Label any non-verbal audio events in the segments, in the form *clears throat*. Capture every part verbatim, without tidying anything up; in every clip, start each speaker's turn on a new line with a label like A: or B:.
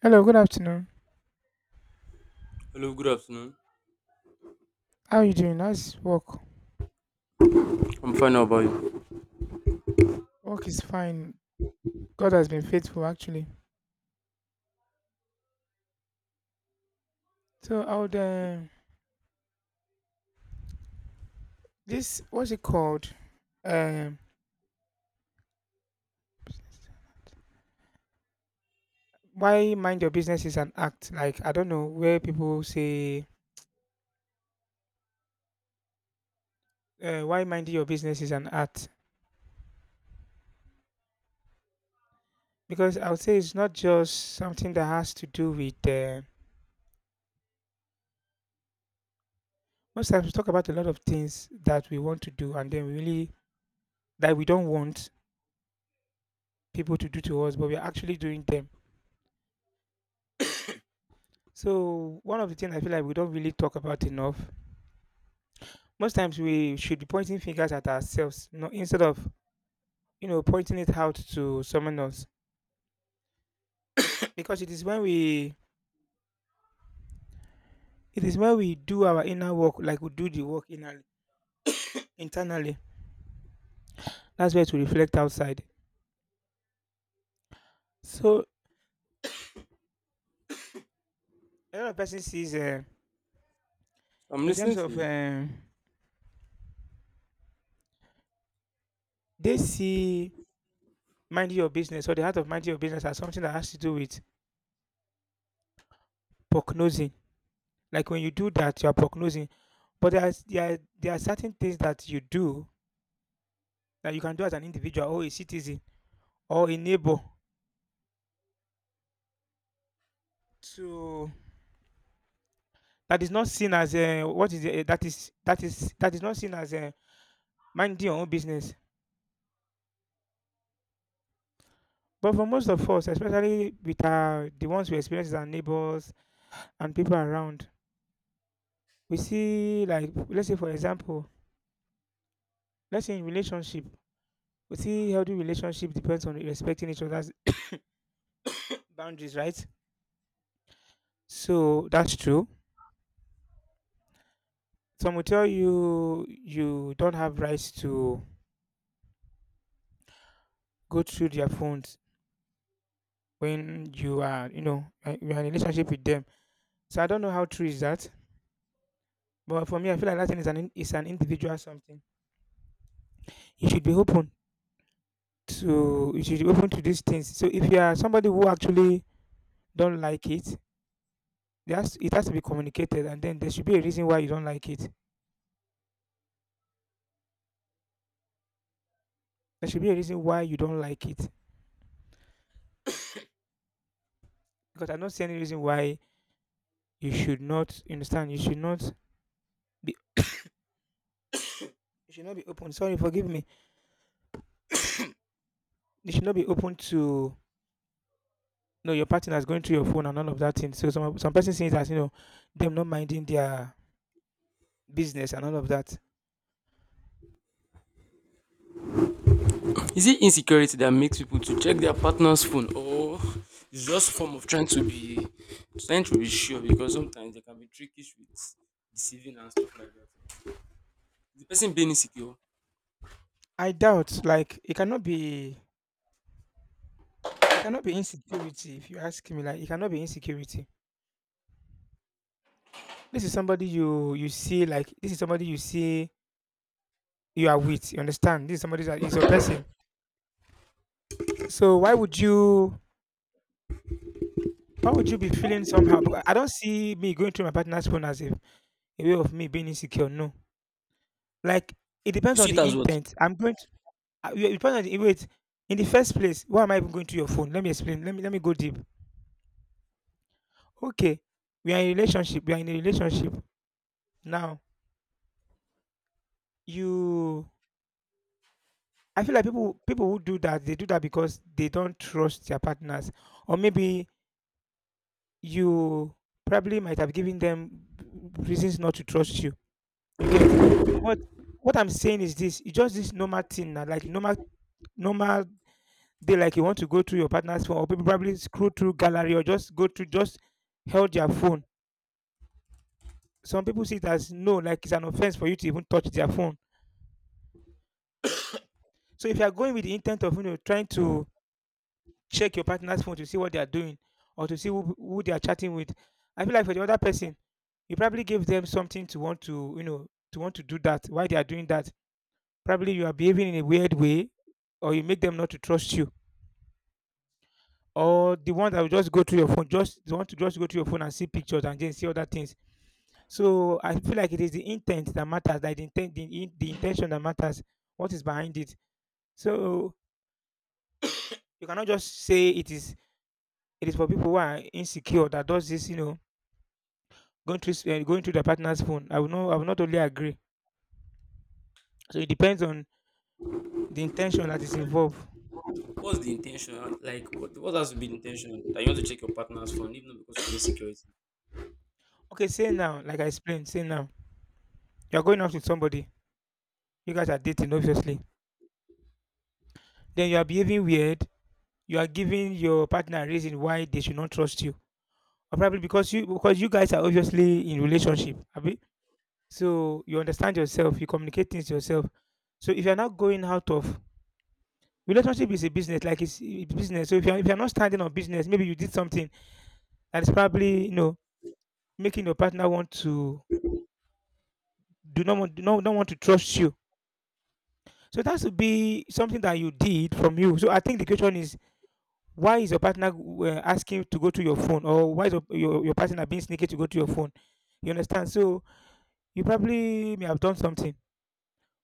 A: Hello, good afternoon.
B: Hello, good afternoon.
A: How are you doing? How's work?
B: I'm fine. How about you?
A: Work is fine. God has been faithful, actually. So, I would,
B: Yeah,
A: uh, this, what's it called? Um, why mind your business is an act. Like, I don't know where people say, uh, why minding your business is an act. Because I would say it's not just something that has to do with, uh, most times we talk about a lot of things that we want to do and then we really, that we don't want people to do to us, but we're actually doing them. So one of the things I feel like we don't really talk about enough. Most times we should be pointing fingers at ourselves, you instead of you know pointing it out to someone else. *clears throat* Because it is when we it is when we do our inner work, like we do the work inner, internally. That's where to reflect outside. So a lot of person sees uh,
B: I'm
A: in terms
B: listening to
A: of
B: you.
A: um, they see minding your business or the art of minding your business as something that has to do with prognosing. Like when you do that, you are prognosing. But there are, there are, there are certain things that you do that you can do as an individual or a citizen or a neighbor to that is not seen as a what is it, eh, that is that is that is not seen as a minding your own business. But for most of us, especially with our, the ones we experience as our neighbors and people around, we see like let's say for example, let's say in relationship, we see healthy relationship depends on respecting each other's boundaries, right? So that's true. Some will tell you you don't have rights to go through their phones when you are you know uh, you are in a relationship with them, so I don't know how true is that. But for me I feel like that thing is an in- is an individual something. You should be open to you should be open to these things. So if you are somebody who actually don't like it, there has it has to be communicated, and then there should be a reason why you don't like it. There should be a reason why you don't like it Because I don't see any reason why you should not, you understand, you should not be *coughs* you should not be open, sorry, forgive me. *coughs* You should not be open to know your partner is going through your phone and all of that thing. So some some person says that you know them not minding their business and all of that.
B: Is it insecurity that makes people to check their partner's phone, or it's just form of trying to be trying to be sure? Because sometimes they can be trickish with deceiving and stuff like that. The person being insecure,
A: I doubt, like, it cannot be it cannot be insecurity. If you ask me, like, it cannot be insecurity. This is somebody you you see, like this is somebody you see you are with. You understand? This is somebody that is your person. So why would you why would you be feeling somehow? Because I don't see me going through my partner's phone as a, a way of me being insecure. No, like, it
B: you
A: depends on
B: see it
A: the
B: as what?
A: intent. I'm going. Uh, you- depends on the, eh, wait. In the first place, why am I even going to your phone? Let me explain. Let me let me go deep. Okay, we are in a relationship. We are in a relationship now. You, I feel like people people who do that, they do that because they don't trust their partners, or maybe you probably might have given them reasons not to trust you. You get. What? What I'm saying is this: it's just this normal thing, na, like normal normal day, like you want to go through your partner's phone, or people probably scroll through gallery, or just go to just held your phone. Some people see it as no, like it's an offense for you to even touch their phone. So if you are going with the intent of you know trying to check your partner's phone to see what they are doing or to see who, who they are chatting with, I feel like for the other person, you probably gave them something to want to you know to want to do that. Why they are doing that? Probably you are behaving in a weird way, or you make them not to trust you. Or the one that will just go to your phone, just they want to just go to your phone and see pictures and then see other things. So I feel like it is the intent that matters, like the intent, the, in- the intention that matters, what is behind it. So you cannot just say it is it is for people who are insecure that does this, you know, going through s- eh, going through their partner's phone. I will not I will not totally agree. So it depends on the intention that is involved.
B: What's the intention? Like, what, what has to be the intention that you want to check your partner's phone, even not because of insecurity?
A: Okay, say now, like I explained, say now you are going out with somebody. You guys are dating, obviously. Then you are behaving weird. You are giving your partner a reason why they should not trust you, or probably because you because you guys are obviously in relationship, abi? So you understand yourself. You communicate things to yourself. So if you are not going out of relationship is a business, like it's it's business. So if you're, if you're not standing on business, maybe you did something that is probably, you know, making your partner want to do not want do not, don't want to trust you. So it has to be something that you did from you. So I think the question is, why is your partner uh, asking you to go to your phone, or why is your, your, your partner being sneaky to go to your phone? You understand? So you probably may have done something.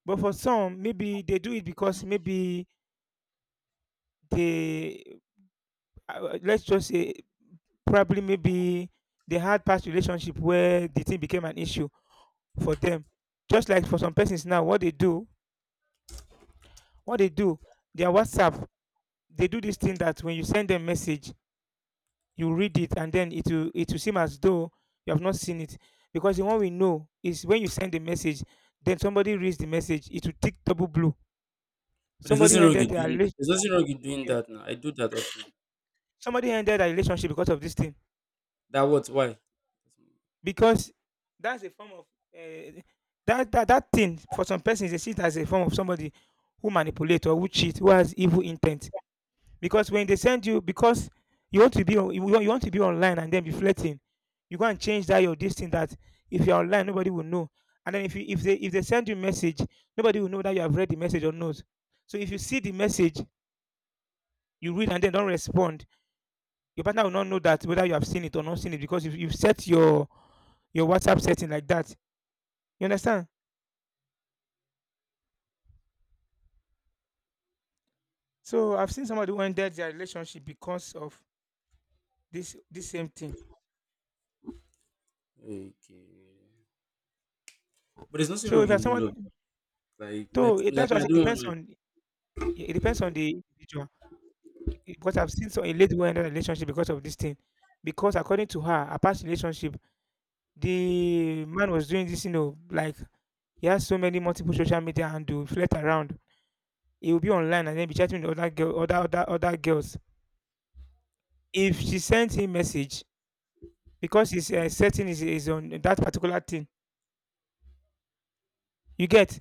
A: But for some, maybe they do it because maybe they, uh, let's just say, probably maybe they had past relationship where the thing became an issue for them. Just like for some persons now, what they do, what they do, their WhatsApp, they do this thing that when you send them message, you read it and then it will it will seem as though you have not seen it. Because the one we know is when you send a message, then somebody reads the message, it will tick double blue.
B: But there's
A: Somebody
B: nothing wrong
A: ended
B: in
A: their
B: doing.
A: relationship.
B: There's nothing wrong in doing that. Now I do that often.
A: Somebody ended their relationship because of this thing,
B: That what? Why?
A: because that's a form of, uh, that, that that thing. For some persons they see it as a form of somebody who manipulate or who cheat, who has evil intent. Because when they send you, because you want to be on, you, want, you want to be online and then be flirting, you go and change that your this thing that if you're online nobody will know. And then if you if they if they send you message, nobody will know that you have read the message or not. So if you see the message, you read and then don't respond, your partner will not know that whether you have seen it or not seen it, because if you've set your your WhatsApp setting like that. You understand? So I've seen somebody who ended their relationship because of this this same thing.
B: Okay. But there's nothing
A: So if
B: wrong
A: you're
B: in doing love.
A: someone,
B: Like if I
A: so it-
B: p-
A: that's
B: like
A: why I
B: my
A: say it
B: do
A: depends
B: one.
A: on it depends on the individual. Eh, because I've seen some a lady who ended a relationship because of this thing. Because according to her, a past relationship, the man was doing this, you know, like he has so many multiple social media and to flirt around. He will be online and then be chatting with other girl, other other other girls. If she sends him message, because his uh, setting is, is on that particular thing. You get?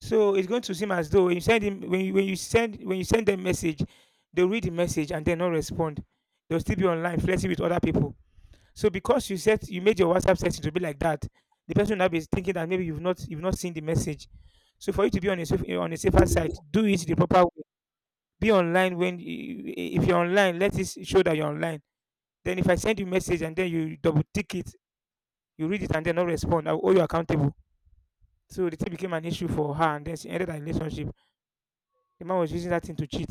A: So it's going to seem as though when you send him when you when you send when you send them message, they'll read the message and then not respond. They'll still be online flirting with other people. So because you set, you made your WhatsApp setting to be like that, the person will now be thinking that maybe you've not you've not seen the message. So for you to be on a safe, on a safer side, do it the proper way. Be online when you- if you're online, let it show that you're online. Then if I send you message and then you double tick it, you read it and then not respond, I'll hold you accountable. So the thing became an issue for her and then she ended her relationship. The man was using that thing to cheat.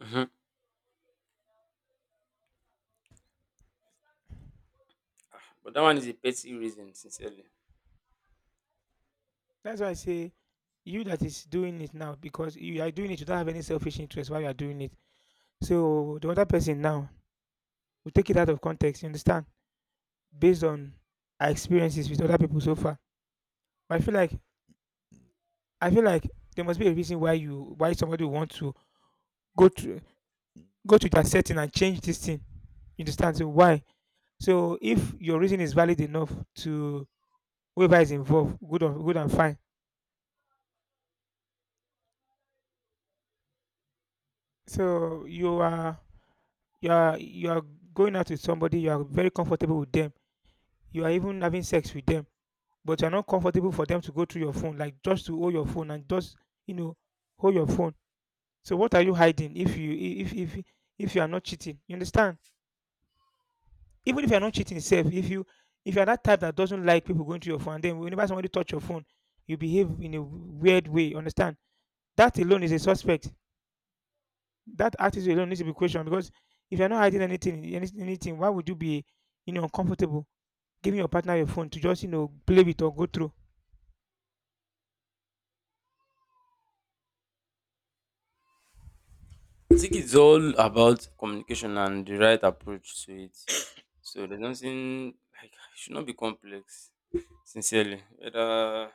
B: Hmm. But that one is a petty reason, sincerely.
A: That's why I say you that is doing it now, because you are doing it, you don't have any selfish interest while you are doing it. So the other person now will take it out of context, you understand? Based on our experiences with other people so far. But I feel like I feel like there must be a reason why you why somebody would want to go to go to that setting and change this thing. You understand? So why? So if your reason is valid enough to whoever is involved, good or good and fine. So you are you are you are going out with somebody, you are very comfortable with them, you are even having sex with them, but you are not comfortable for them to go through your phone, like just to hold your phone and just you know hold your phone. So what are you hiding? If you i- if if if you are not cheating, you understand, even if you are not cheating self, if you if you are that type that doesn't like people going to your phone, and then whenever somebody touch your phone you behave in a weird way, you understand, that alone is a suspect. That attitude alone needs to be questioned, because if you're not hiding anything, any- anything, why would you be, you know uncomfortable giving your partner your phone to just, you know play with or go through.
B: I think it's all about communication and the right approach to it. So there's nothing like it should not be complex, sincerely. Whether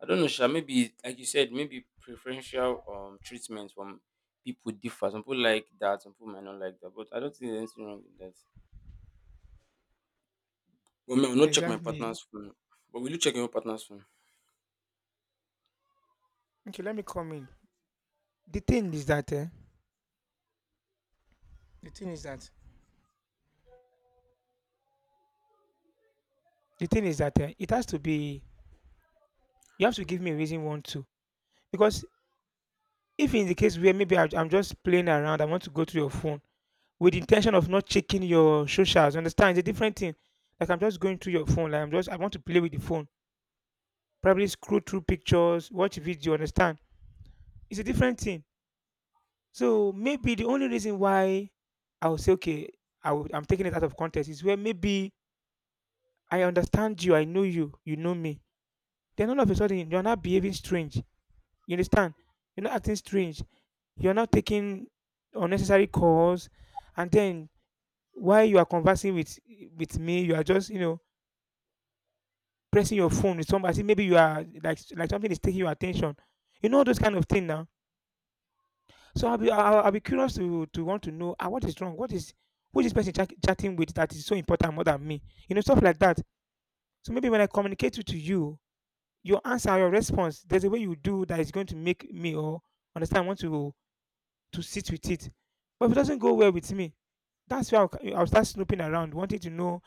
B: I don't know, Sha, maybe like you said, maybe preferential um treatment from people differ. Some people like that, some people might not like that. But I don't think there's anything wrong with that. Well, me, I will not check my
A: Exactly.
B: partner's phone. But will you check your partner's phone?
A: Okay, let me come in. The thing is that eh, the thing is that the thing is that eh, it has to be. You have to give me a reason, one, to because if in the case where maybe I, I'm just playing around, I want to go through your phone with the intention of not checking your socials. Understand? It's a different thing. Like I'm just going through your phone. Like I'm just I want to play with the phone. Probably scroll through pictures, watch video. Understand? It's a different thing. So maybe the only reason why I would say, okay, I would, I'm taking it out of context is where maybe I understand you, I know you, you know me. Then all of a sudden, you're not behaving strange. You understand? You're not acting strange. You're not taking unnecessary calls. And then while you are conversing with with me, you are just, you know, pressing your phone with somebody. Maybe you are like like something is taking your attention. You know those kind of things now. So I'll be I'll, I'll be curious to to want to know, ah, what is wrong? What is who is this person chat, chatting with that is so important more than me? You know, stuff like that. So maybe when I communicate it to you, your answer, your response, there's a way you do that is going to make me or understand I want to to sit with it. But if it doesn't go well with me, that's where I'll, c- I'll start snooping around, wanting to know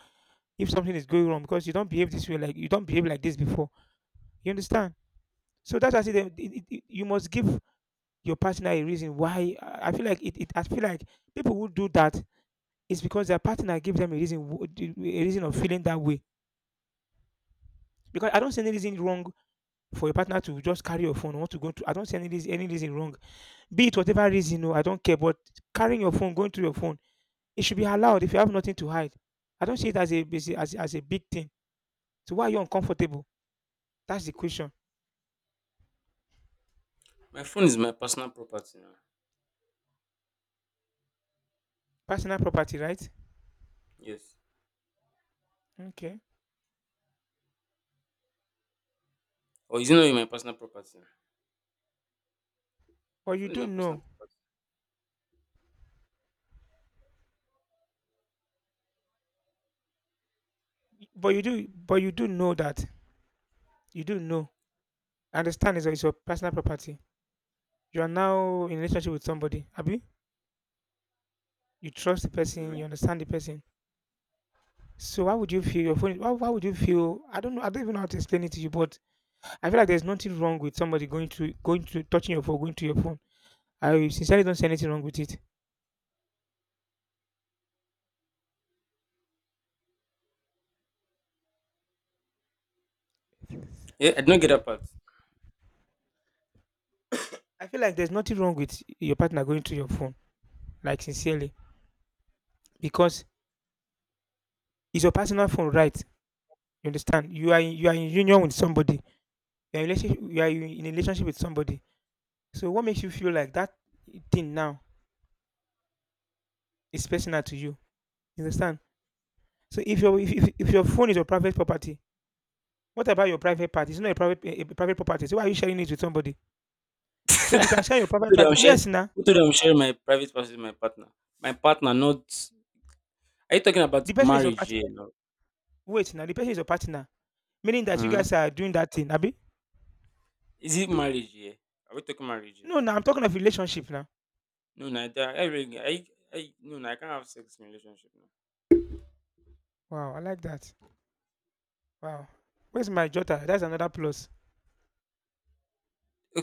A: if something is going wrong, because you don't behave this way, like you don't behave like this before. You understand? So that's why I say that it, it, it- you must give your partner a reason why. I feel like it, it I feel like people who do that is because their partner give them a reason w- d- a reason of feeling that way. Because I don't see any reason wrong for a partner to just carry your phone, want to go to, I don't see any reason, any reason wrong. Be it whatever reason, no, I don't care. But carrying your phone, going through your phone, it should be allowed if you have nothing to hide. I don't see it as a as a, as a as a big thing. So why are you uncomfortable? That's the question.
B: My phone is my personal property now.
A: Personal property, right?
B: Yes.
A: Okay.
B: Or is it not in my personal property?
A: But
B: I
A: you
B: feel it's
A: do
B: my
A: know.
B: personal property.
A: But you do but you do know that. You do know. Understand, is your, is your personal property. You are now in a relationship with somebody. Abi, you trust the person, you
B: Mhm.
A: understand the person. So why would you feel your phone? Why, why would you feel? I don't know. I don't even know how to explain it to you, but I feel like there's nothing wrong with somebody going to going to touching your phone, going to your phone. I sincerely don't see anything wrong with it.
B: Yeah, I did not get that part.
A: I feel like there's nothing wrong with your partner going to your phone, like sincerely, because it's your personal phone, right? You understand? You are in, you are in union with somebody. You are in relationship, you are in a relationship with somebody. So what makes you feel like that thing now. It's personal to you. You understand? So if your if, if, if your phone is your private property, what about your private part? It's not a private, a, a private property. So why are you sharing it with somebody? So if you can
B: *laughs*
A: share your
B: Who
A: private
B: told you
A: part,
B: I'm sharing?
A: yes, now
B: Who told you I'm sharing my private parts with my partner? My partner, not. Are you talking about
A: the person is your
B: marriage
A: partner.
B: here? No.
A: Wait, now the person is your partner, meaning that you
B: Hmm.
A: guys are doing that thing, Abi.
B: Is it marriage here? Are we talking marriage here?
A: No, now I'm talking of relationship now.
B: No, no, I, I, really- I, I, no, no, I can't have sex in a relationship now.
A: Wow, I like that. Wow, where's my daughter? That's another plus.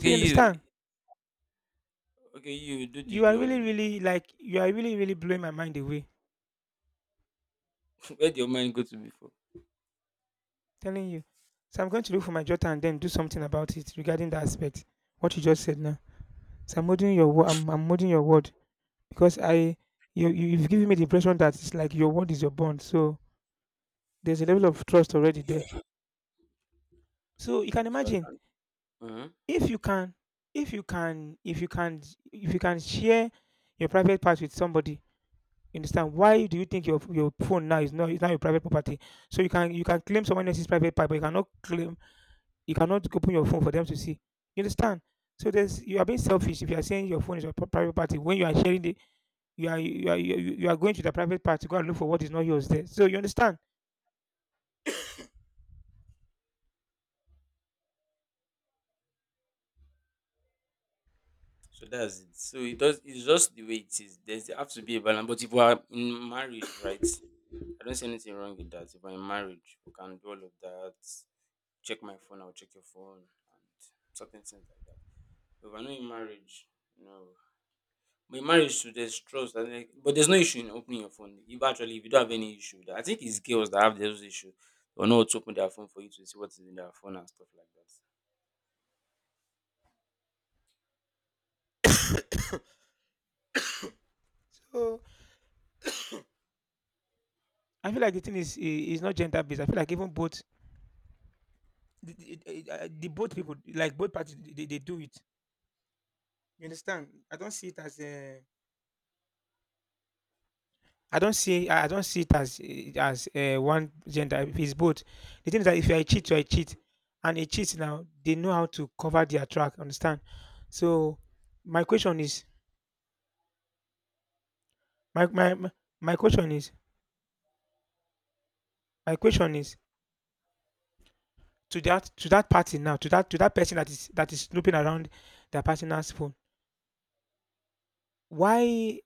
A: So you
B: you,
A: understand?
B: okay, you do the
A: You are
B: do
A: really,
B: one.
A: really like you are really, really blowing my mind away.
B: *laughs* Where did your mind go to before?
A: Telling you. So I'm going to look for my daughter and then do something about it regarding that aspect. What you just said now. So I'm holding your word. I'm, I'm holding your word, because I you you- you've given me the impression that it's like your word is your bond. So there's a level of trust already there. So you can
B: Yeah, so I
A: imagine
B: can't. Hmm.
A: if you can if you can if you can if you can share your private part with somebody. You understand, why do you think your your phone now is not is not your private property? So you can you can claim someone else's private part, but you cannot claim you cannot open your phone for them to see. You understand? So there's, you are being selfish if you are saying your phone is your pri- private party when you are sharing the you are you are you, you are going to the private part to go and look for what is not yours there. So you understand.
B: So that's it. So it does. It's just the way it is. There's there have to be a balance. But if we are in marriage, right? I don't see anything wrong with that. If I'm in marriage, we can do all of that. Check my phone, I'll check your phone, and certain things like that. But if I'm not in marriage, no. But in marriage, too, there's trust, and like, but there's no issue in opening your phone. If actually, if you don't have any issue, I think it's girls that have those issue. They or not to open their phone for you to see what is in their phone and stuff like that.
A: So I feel like the thing is i- is not gender based. I feel like even both the, the, the uh, the both people, like both parties, they, they do it. You understand? I don't see it as a, I don't see I I don't see it as uh, as uh, one gender. If it's both, the thing is that if you are a cheat, you are a cheat, and a cheat now, they know how to cover their track. Understand? So my question is my my my my question is my question is to that to that party now, to that to that person that is that is snooping around their partner's phone. why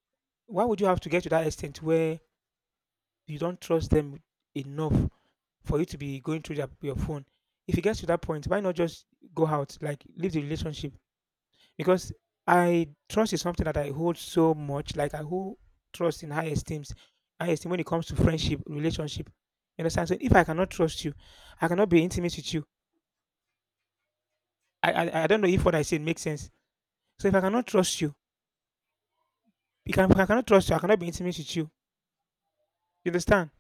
A: why would you have to get to that extent where you don't trust them enough for you to be going through their, your phone? If it gets to that point, why not just go out, like, leave the relationship? Because I trust is something that I hold so much, like I hold trust in high esteems, high esteem when it comes to friendship, relationship. You understand? So if I cannot trust you, I cannot be intimate with you. i i, I don't know if what I said makes sense. So if I cannot trust you, you can I cannot trust you. I cannot be intimate with you. You understand?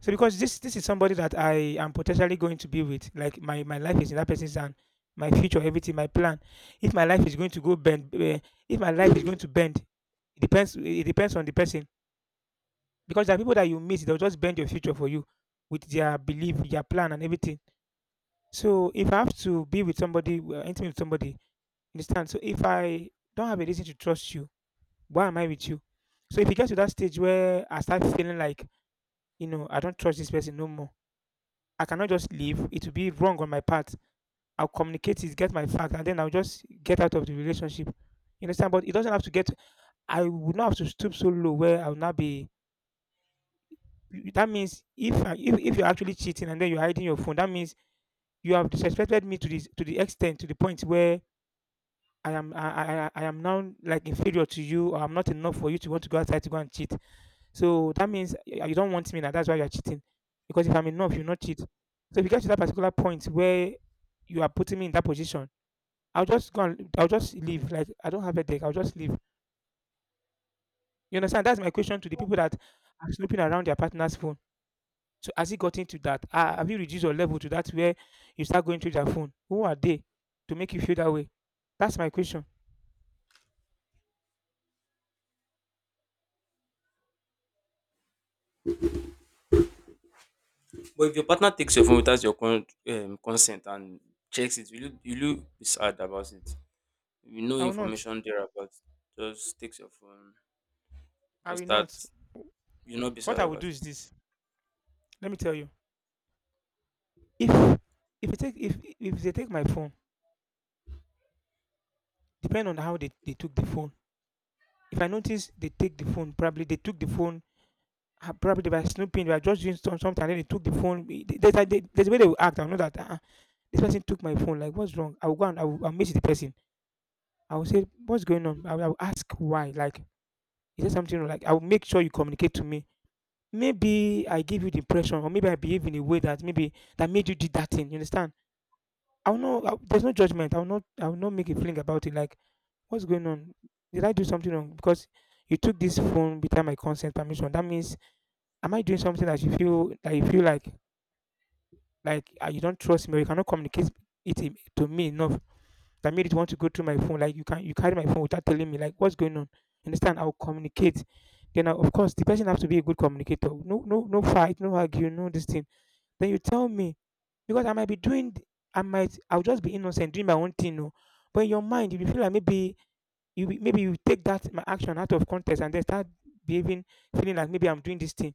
A: So because this this is somebody that I am potentially going to be with, like my my life is in that person's hand, my future, everything, my plan. If my life is going to go bend, eh, if my life is going to bend, it depends. It depends on the person, because there are people that you meet, they'll just bend your future for you with their belief, their plan, and everything. So if I have to be with somebody, uh, intimate with somebody, understand? So if I don't have a reason to trust you, why am I with you? So if it gets to that stage where I start feeling like, you know, I don't trust this person no more, I cannot just leave. It will be wrong on my part. I'll communicate it, get my fact, and then I'll just get out of the relationship. You understand? But it doesn't have to get. I would not have to stoop so low where I'll not be. That means if I- if if you're actually cheating and then you're hiding your phone, that means you have disrespected me to this to the extent to the point where I am I, I I I am now like inferior to you, or I'm not enough for you to want to go outside to go and cheat. So that means y- you don't want me now. That's why you're cheating. Because if I'm enough, you'll not cheat. So if you get to that particular point where you are putting me in that position, I'll just go. And, I'll just leave. Like, I don't have a deck. I'll just leave. You understand? That's my question to the people that are snooping around their partner's phone. So has it gotten to that? Ah, have you reduced your level to that where you start going through their phone? Who are they to make you feel that way? That's my question.
B: But if your partner takes your phone without your con- um, consent and checks it, will you will you be sad about it? You know
A: I will not.
B: information there about just takes your phone,
A: I
B: just
A: will
B: start.
A: not.
B: You'll not be
A: What
B: sad
A: I would do
B: about
A: is
B: it.
A: this. Let me tell you. If if they take if if they take my phone, depend on how they, they took the phone. If I notice they take the phone, probably they took the phone. ah, Probably they were snooping, they were just doing some, something, and then they took the phone. We- they- There's, a- they- there's a way they will act. I know that uh, this person took my phone. Like, what's wrong? I will go and I will, I'll meet the person. I will say, what's going on? I will, I will ask why. Like, is there something wrong? Like, I will make sure you communicate to me. Maybe I give you the impression, or maybe I behave in a way that maybe that made you do that thing. You understand? I'll know. I'll, there's no judgment. I'll not. I'll not make a fling about it. Like, what's going on? Did I do something wrong? Because you took this phone without my consent permission. That means, am I doing something that you feel that you feel like like uh, you don't trust me, or you cannot communicate it im- to me enough that made it want to go through my phone? Like, you can you carry my phone without telling me, like, what's going on? You understand? I'll communicate. Then I, of course the person has to be a good communicator. No no no fight, no argue, no this thing. Then you tell me because I might be doing, I might, I'll just be innocent doing my own thing. No. But in your mind, if you feel like maybe you be- maybe you take that my action out of context and then start behaving, feeling like maybe I'm doing this thing.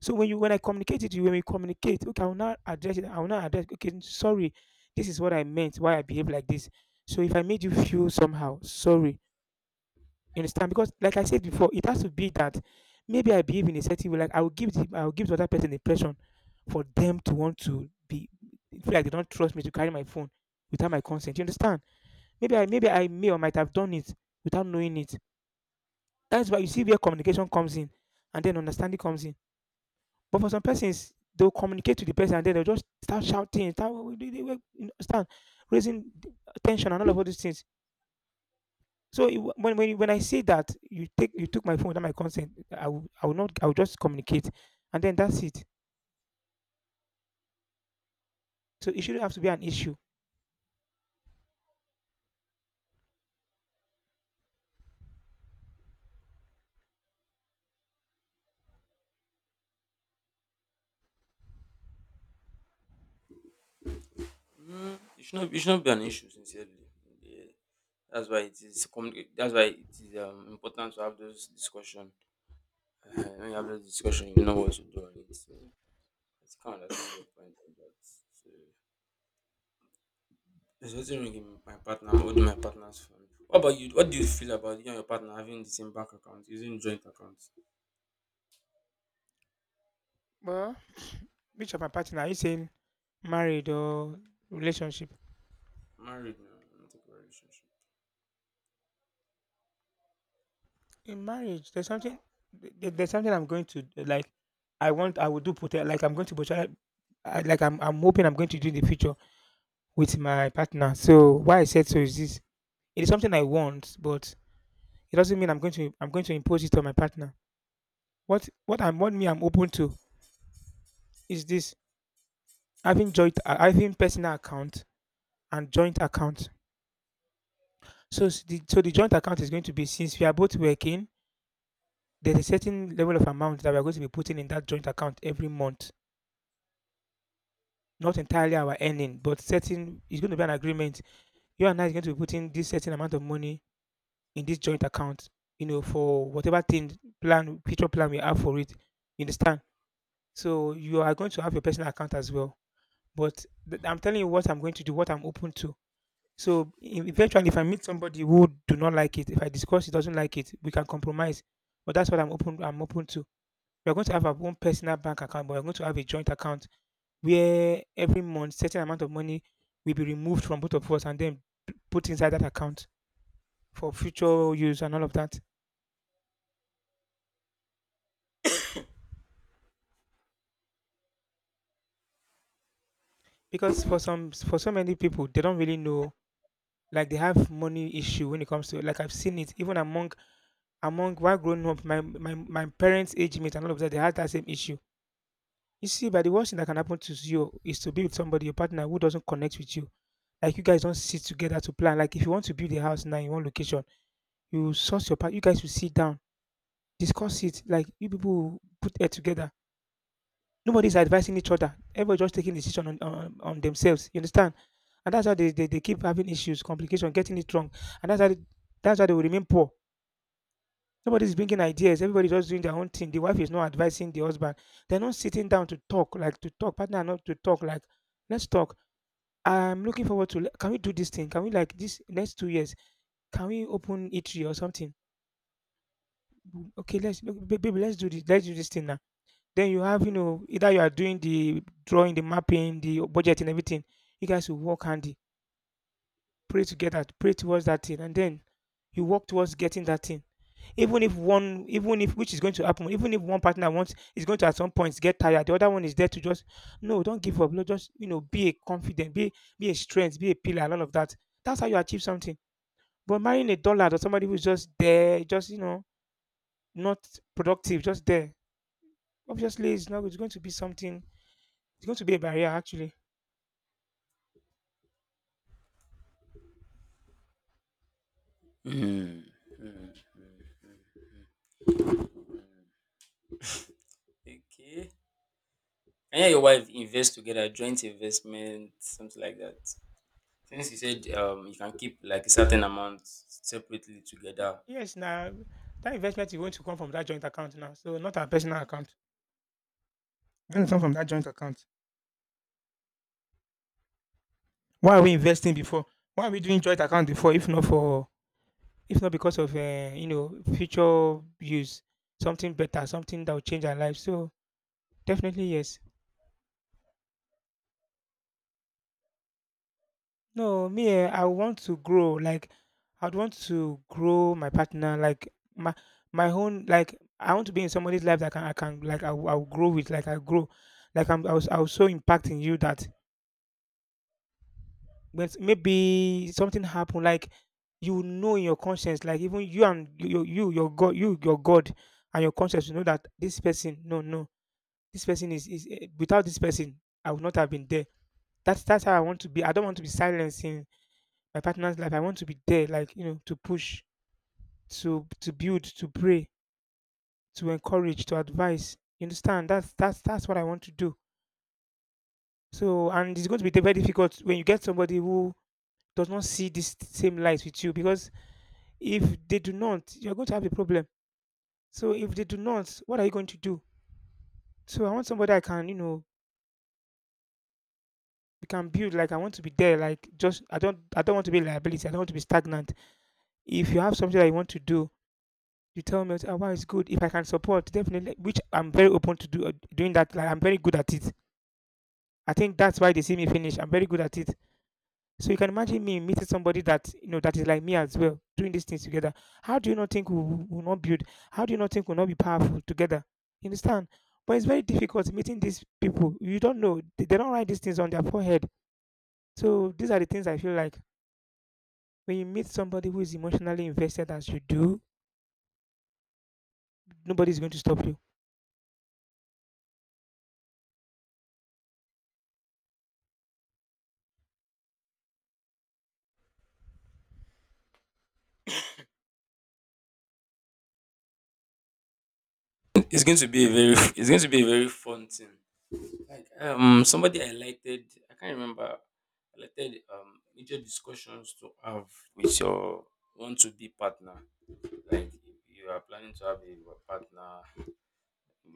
A: So when you when I communicate it to you, when we communicate, okay, I will not address it. I will not address. Okay, sorry, this is what I meant. Why I behave like this. So if I made you feel somehow, sorry. You understand? Because like I said before, it has to be that maybe I behave in a certain way. Like, I will give the I will give the other person the impression for them to want to be feel like they don't trust me to carry my phone without my consent. You understand? Maybe I maybe I may or might have done it without knowing it. That's why you see where communication comes in and then understanding comes in. But for some persons, they'll communicate to the person and then they'll just start shouting, start, you understand, raising tension and all of all these things. So it, wa- when when you- when I say that you take you took my phone without my consent, I will I will not I will just communicate, and then that's it. So it shouldn't have to be an issue.
B: Mm, it should not it should not be an issue sincerely. Yeah. That's why it is communi- that's why it is um, important to have those discussion. Uh, when you have those discussion you know what to do on it. So I can understand your point on that. So there's nothing wrong in my partner holding my partner's phone. What about you? What do you feel about you and your partner having the same bank account, using joint accounts?
A: Well, which of my partner are you saying, married or relationship?
B: Married now, not a relationship.
A: In marriage, there's something there- there's something I'm going to like. I want I will do pote- like, I'm going to potentially, I, like, I'm I'm hoping I'm going to do in the future with my partner. So why I said so is this: it is something I want, but it doesn't mean I'm going to I'm going to impose it on my partner. What what I'm what me I'm open to is this having joint uh, having personal account and joint account. So s- the so the joint account is going to be, since we are both working, there's a certain level of amount that we are going to be putting in that joint account every month. Not entirely our earning, but certain, it's going to be an agreement. You and I is going to be putting this certain amount of money in this joint account, you know, for whatever thing plan future plan we have for it. You understand? So you are going to have your personal account as well. But th- I'm telling you what I'm going to do, what I'm open to. So e- eventually, if I meet somebody who do not like it, if I discuss it doesn't like it, we can compromise. But that's what I'm open. I'm open to. We're going to have our own personal bank account, but we're going to have a joint account where every month certain amount of money will be removed from both of us and then p- put inside that account for future use and all of that. Because for some for so many people, they don't really know. Like, they have money issue when it comes to, like, I've seen it even among among while growing up, my my my parents' age mate and all of that, they had that same issue. You see, by the worst thing that can happen to you is to be with somebody, a partner, who doesn't connect with you. Like, you guys don't sit together to plan. Like, if you want to build a house now in one location, you source your partner. You guys will sit down, discuss it. Like, you people will put it together. Nobody's advising each other. Everybody just taking decision on, on, on themselves. You understand? And that's how they, they, they keep having issues, complication, getting it wrong. And that's how they, that's how they will remain poor. Nobody's bringing ideas. Everybody's just doing their own thing. The wife is not advising the husband. They're not sitting down to talk, like, to talk. Partner, are not to talk. Like, let's talk. I'm looking forward to. Can we do this thing? Can we like this next two years? Can we open eatery or something? "Mm, okay, let's look, ba- baby. Let's do this. Let's do this thing now." Then you have, you know, either you are doing the drawing, the mapping, the budget, and everything. You guys will work handy, pray together, pray towards that thing, and then you work towards getting that thing. Even if one, even if, which is going to happen, even if one partner wants, is going to at some point get tired, the other one is there to just, no, don't give up, no, just, you know, be a confident, be be a strength, be a pillar, and all of that. That's how you achieve something. But marrying a dullard or somebody who's just there, just, you know, not productive, just there, obviously, it's not, it's going to be something, it's going to be a barrier actually.
B: Hmm. Hmm. Okay. And yeah, your wife invest together, joint investment, something like that. Since you said um you can keep like a certain amount separately
A: Uh,
B: together,
A: yes now, that investment is going to come from that joint account now, so not our personal account. It's going to come from that joint account. Why are we investing before? Why are we doing joint account before if not for, if not because of, uh, you know, future use, something better, something that will change our life. So definitely yes. No, me, eh, I want to grow, like, I'd want to grow my partner like my my own. Like, I want to be in somebody's life that can I can like, i will I will grow with, like, I grow, like, i'm i was, I was so impacting you that when s- maybe something happened, like, you will know in your conscience, like, even you and you you your god, you your god and your conscience will know that this person, no, no, this person is, is, eh, without this person, I would not have been there. That's that's how I want to be. I don't want to be silencing my partner's life. I want to be there, like, you know, to push, to to build, to pray, to encourage, to advise. You understand? That's that's that's what I want to do. So, and it's going to be very difficult when you get somebody who does not see this same light with you, because if they do not, you're going to have a problem. So if they do not, what are you going to do? So I want somebody I can, you know, you can build, like, I want to be there, like, just, i don't I don't want to be liability, I don't want to be stagnant. If you have something that you want to do, you tell me, oh, wow, it's good, if I can support, definitely, which I'm very open to do, uh, doing that. Like, I'm very good at it. I think that's why they see me finish, I'm very good at it. So you can imagine me meeting somebody that, you know, that is like me as well, doing these things together. How do you not think we will will not build? How do you not think we'll not be powerful together? You understand? But it's very difficult meeting these people. You don't know. They they don't write these things on their forehead. So these are the things I feel like. When you meet somebody who is emotionally invested as you do, nobody's going to stop you.
B: it's going to be a very it's going to be a very fun thing. Like um somebody I lighted I can't remember I um major discussions to have with your want to be partner. Like if you are planning to have a partner,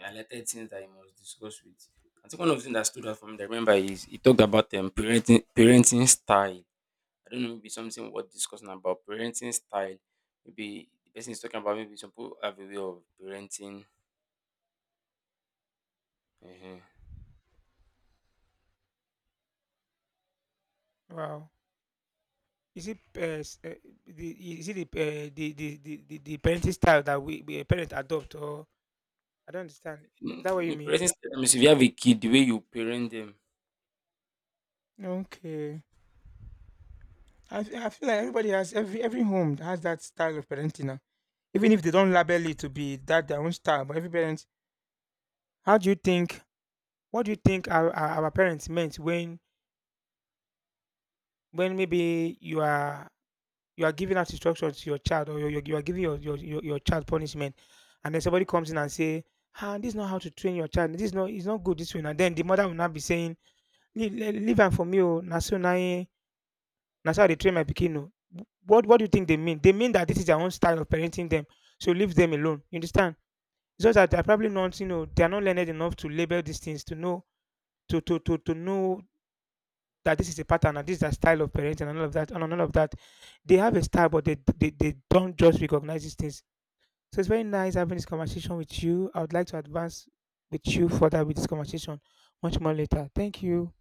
B: I lighted things that you must discuss with. I think one of the things that stood out for me that I remember is he talked about um parenting parenting style. I don't know, maybe something worth discussing about parenting style. Maybe the person is talking about maybe some people have a way of parenting. Uh-huh.
A: Wow. Is it uh, s- uh, the, is it the, uh, the, the the the the parenting style that we, we parents adopt, or I don't understand.
B: No,
A: Is that what
B: no,
A: you mean?
B: parenting style. I mean, if you have a kid, the way you parent them
A: Okay. I, fe- I feel like everybody has, every every home has that style of parenting now. Even if they don't label it to be that their own style, but every parent, how do you think? What do you think our, our, our parents meant when when maybe you are, you are giving out instruction to your child, or you're, you're, giving your, your, your, your child punishment, and then somebody comes in and say, ah, this is not how to train your child, this is not, it's not good this way. And then the mother will not be saying, leave, le- leave am for me oh, na so, na him- na so I dey train my pikin oh. what what do you think they mean? They mean that this is their own style of parenting them, so leave them alone. You understand? It's just that they're probably not, you know, they're not learned enough to label these things to know to to to, to know that this is a pattern and this is a style of parenting and all of that and all of that. They have a style, but they they, they don't just recognize these things. So it's very nice having this conversation with you. I would like to advance with you further with this conversation much more later. Thank you.